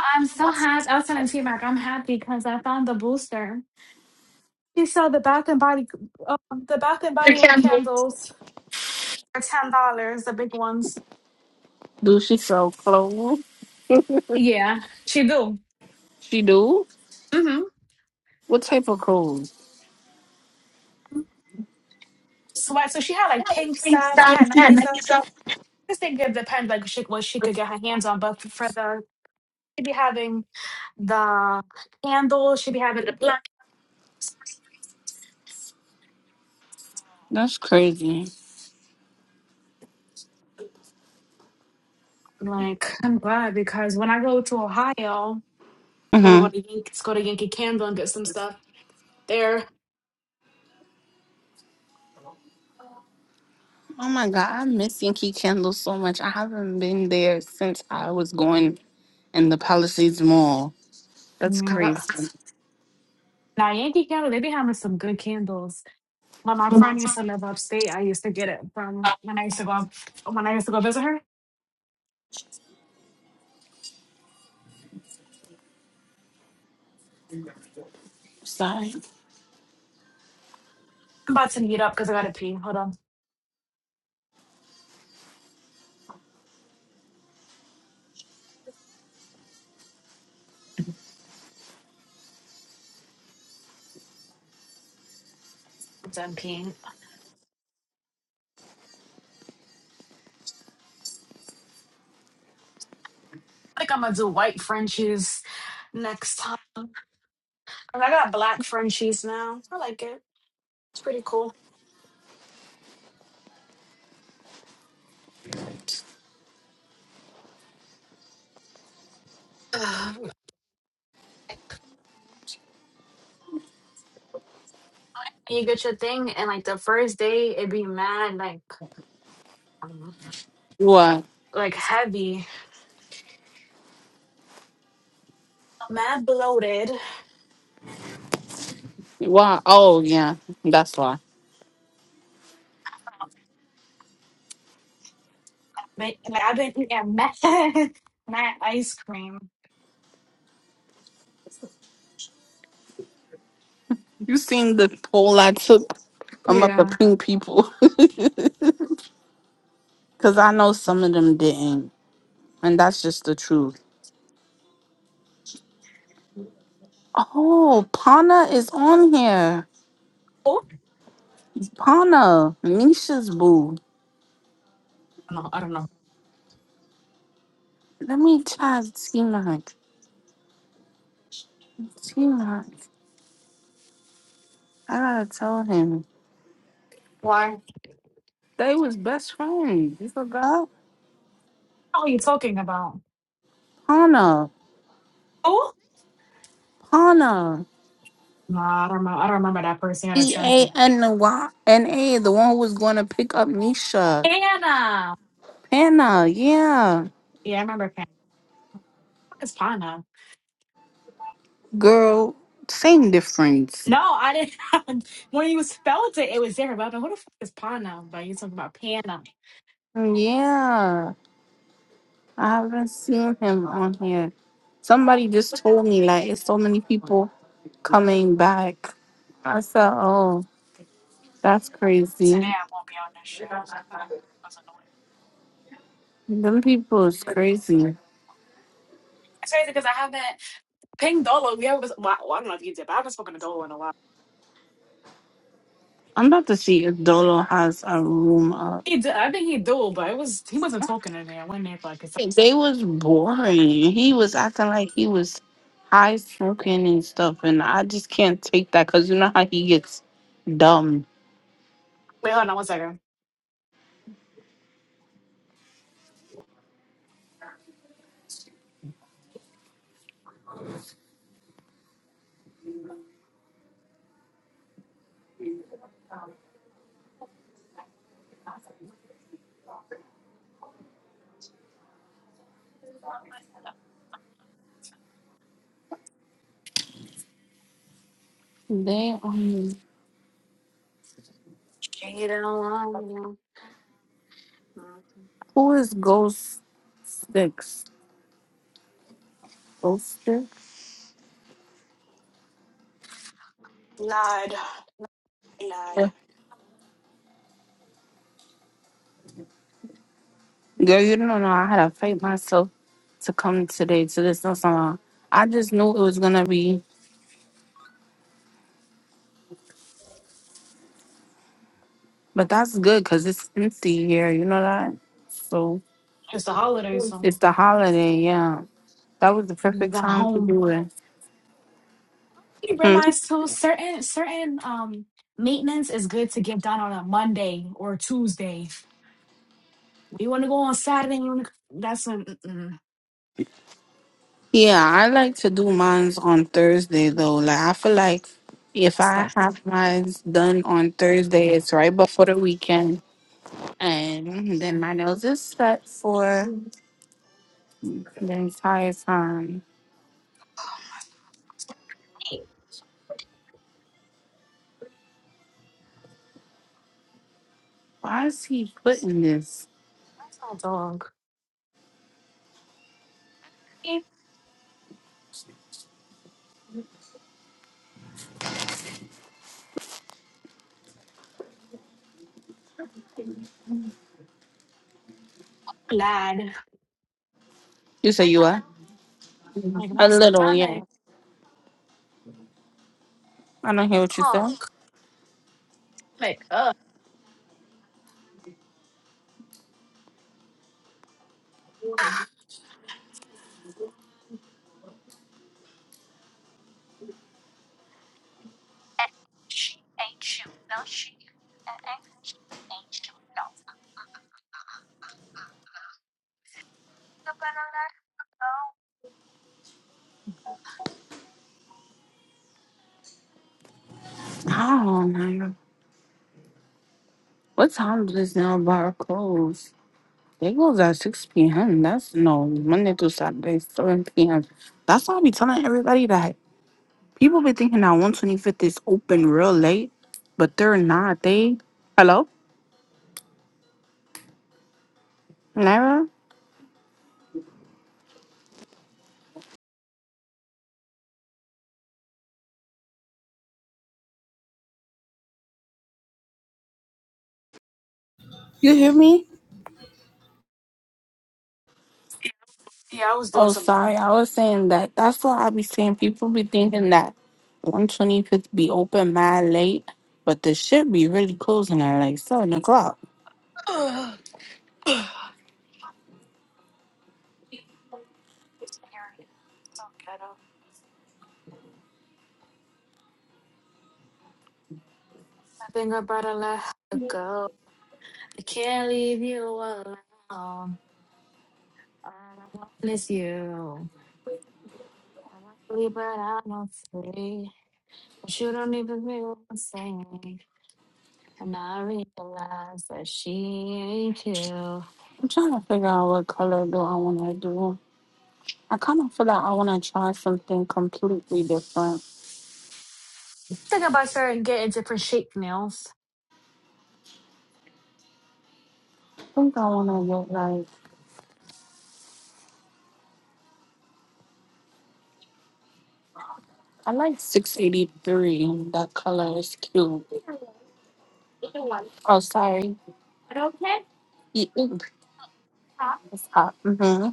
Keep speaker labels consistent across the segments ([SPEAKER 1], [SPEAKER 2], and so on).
[SPEAKER 1] I'm so happy. I was telling T Mac, I'm happy because I found the booster. He sold the Bath and Body, uh, the Bath and Body Work candles for ten dollars, the big ones.
[SPEAKER 2] Do she sell clothes?
[SPEAKER 1] Yeah, she do.
[SPEAKER 2] She do?
[SPEAKER 1] Mm-hmm.
[SPEAKER 2] What type of clothes?
[SPEAKER 1] Sweat. So she had like pink stuff. She had Nike stuff. This thing could depend like she, what she could get her hands on. But for the she'd be having the candle. She'd be having the blankets.
[SPEAKER 2] That's crazy.
[SPEAKER 1] Like I'm glad because when I go to Ohio, I'm gonna
[SPEAKER 2] hmm
[SPEAKER 1] go to Yankee, go to Yankee Candle and get some stuff there
[SPEAKER 2] Oh my god, I miss Yankee Candle so much. I haven't been there since I was going in the Palisades Mall. That's
[SPEAKER 1] Yeah, that,
[SPEAKER 2] crazy.
[SPEAKER 1] now Yankee Candle, they be having some good candles. When my friend used to live upstate, I used to get it from when I used to go up, when I used to go visit her.
[SPEAKER 2] Sorry.
[SPEAKER 1] I'm about to meet up because I gotta pee. Hold on. I'm done peeing. I think I'm gonna do white Frenchies next time. 'Cause I got black Frenchies now. I like it. It's pretty cool. Ugh. you get your thing and like the first day it'd be mad like um,
[SPEAKER 2] What?
[SPEAKER 1] like heavy. Mad bloated.
[SPEAKER 2] Why? Oh yeah, that's why.
[SPEAKER 1] But like, I've been eating mad mad ice cream.
[SPEAKER 2] You seen the poll I took? I'm about
[SPEAKER 1] Yeah.
[SPEAKER 2] to ping people because I know some of them didn't, and that's just the truth. Oh, Pana is on here.
[SPEAKER 1] Oh,
[SPEAKER 2] Pana, Misha's boo.
[SPEAKER 1] No, I don't know.
[SPEAKER 2] Let me try T Mac. T Mac. I gotta tell him.
[SPEAKER 1] why? What
[SPEAKER 2] They was best friends. You forgot?
[SPEAKER 1] are you talking about?
[SPEAKER 2] Pana.
[SPEAKER 1] Oh,
[SPEAKER 2] Pana.
[SPEAKER 1] Nah, I don't know. I don't remember that person that
[SPEAKER 2] P
[SPEAKER 1] sent
[SPEAKER 2] A
[SPEAKER 1] me.
[SPEAKER 2] N A Y N A, the one who was gonna pick up Nisha.
[SPEAKER 1] Anna.
[SPEAKER 2] Pana. yeah.
[SPEAKER 1] Yeah, I remember Hannah. What the fuck is Pana?
[SPEAKER 2] Girl, same difference.
[SPEAKER 1] No, I didn't. when you spelled it, it was different. But I was like, who the fuck is Pana? But you talking about Pana.
[SPEAKER 2] Yeah. I haven't seen him on here. Somebody just told me like it's so many people coming back. I said, Oh, that's crazy.
[SPEAKER 1] Today I won't be on this show. That was annoying.
[SPEAKER 2] Them people is crazy.
[SPEAKER 1] It's crazy because I haven't pinged Dolo. We haven't. Well, I don't know if you did, but I haven't spoken to Dolo in a while.
[SPEAKER 2] I'm about to see if Dolo has a room up.
[SPEAKER 1] He did. I think he do, but it was he wasn't talking in there. I went in there for like a second.
[SPEAKER 2] They was boring. He was acting like he was high smoking and stuff, and I just can't take that because you know how he gets dumb.
[SPEAKER 1] Wait, hold on one second.
[SPEAKER 2] They um,
[SPEAKER 1] Get along. Lied.
[SPEAKER 2] who is Ghost Sticks? Ghost Sticks?
[SPEAKER 1] Lied.
[SPEAKER 2] Yeah. Girl, you don't know. I had to fight myself to come today to this no salon. I just knew it was gonna be, but that's good because it's empty here. You know that, so.
[SPEAKER 1] It's the holidays, so
[SPEAKER 2] It's the holiday, yeah. That was the
[SPEAKER 1] we
[SPEAKER 2] perfect
[SPEAKER 1] got
[SPEAKER 2] time to
[SPEAKER 1] home.
[SPEAKER 2] do it.
[SPEAKER 1] You
[SPEAKER 2] Hmm.
[SPEAKER 1] realize too, certain certain um maintenance is good to get done on a Monday or Tuesday. You want to go on Saturday? You want to? That's an mm-mm.
[SPEAKER 2] Yeah, I like to do mines on Thursday though. Like I feel like if
[SPEAKER 1] that's
[SPEAKER 2] I
[SPEAKER 1] like
[SPEAKER 2] have mines done on Thursday, it's right before the weekend, and then my nails is set for the entire time. Why is he putting this?
[SPEAKER 1] that's not dog. Keep glad.
[SPEAKER 2] You say you are
[SPEAKER 1] Like my
[SPEAKER 2] a little, yeah.
[SPEAKER 1] stomach
[SPEAKER 2] I don't hear what you
[SPEAKER 1] up,
[SPEAKER 2] said.
[SPEAKER 1] like up. Shh, Ain't you? No, she. Ain't you better than that?
[SPEAKER 2] Oh man, what time does this nail bar close? They goes at 6 p.m. That's no Monday through Saturday, 7 p.m. That's why I be telling everybody that people be thinking that 125th is open real late, but they're not. They hello, Naira. You hear me?
[SPEAKER 1] Yeah, I was doing
[SPEAKER 2] Oh,
[SPEAKER 1] something.
[SPEAKER 2] sorry, I was saying that. That's why I be saying people be thinking that 125th be open mad late, but the shit be really closing at like 7 o'clock.
[SPEAKER 1] Ugh. Ugh. Parent, it's so ghetto. I think I brought a lot I can't leave you alone. All I want is you. I want to leave, but I'm not free. But you don't even hear what I'm saying. And I realize that she ain't you.
[SPEAKER 2] I'm trying to figure out what color do I want to do. I kind of feel like I want to try something completely different.
[SPEAKER 1] Think about starting getting different shape nails.
[SPEAKER 2] I think I wanna look like I like six eighty three. That color is cute. Oh, sorry. Ye- ooh, It's hot. Mm-hmm.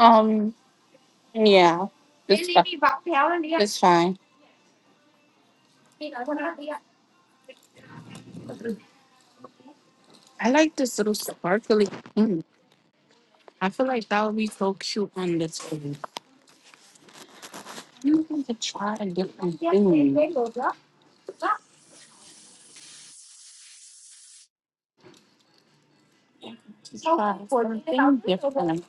[SPEAKER 2] Um. Yeah. It's, fi- it's fine. I like this little sparkly. thing. I feel like that would be so cute on this thing. You need to try a different thing. To Try something different.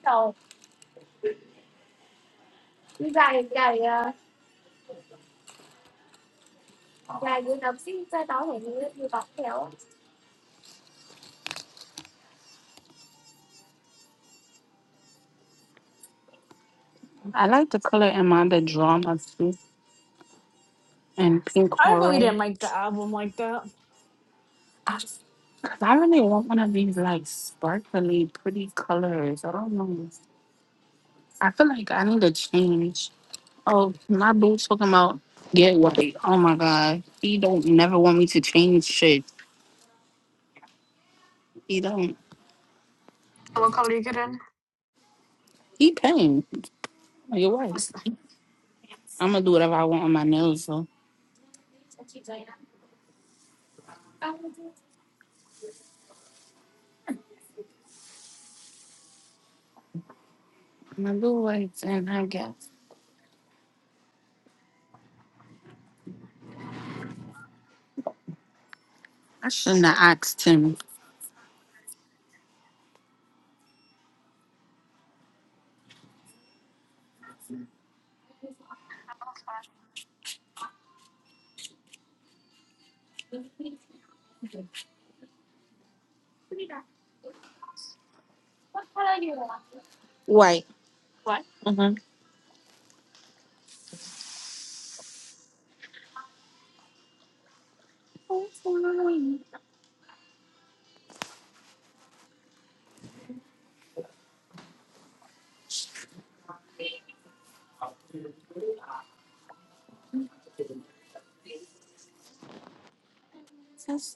[SPEAKER 2] I like the color Amanda Drama too, and pink
[SPEAKER 1] I really
[SPEAKER 2] coral.
[SPEAKER 1] didn't like the album like that.
[SPEAKER 2] Because I really want one of these like sparkly, pretty colors. I don't know. I feel like I need to change. Oh, my boo talking about get white. Oh my god, he don't never want me to change shit. He don't.
[SPEAKER 1] What color you getting?
[SPEAKER 2] He paying. Oh, You're right. I'm gonna do whatever I want on my nails though. I'm gonna do whites, and I guess I shouldn't have asked him. White. Mm-hmm. That's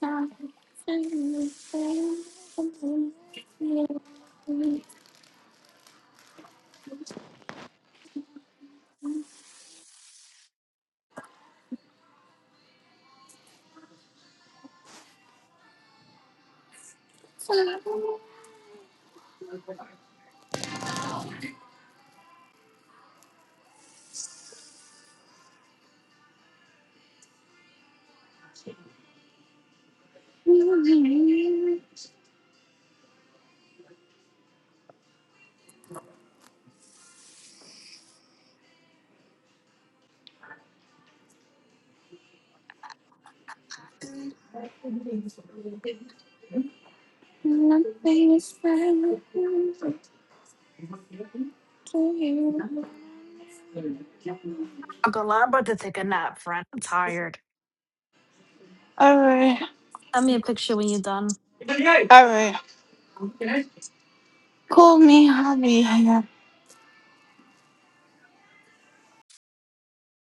[SPEAKER 2] not
[SPEAKER 1] I'm
[SPEAKER 2] Nothing is silent to you.
[SPEAKER 1] not gonna lie, I'm about to take a nap, friend. I'm tired.
[SPEAKER 2] Alright,
[SPEAKER 1] Send me a picture when you're done.
[SPEAKER 2] alright. Call me hubby.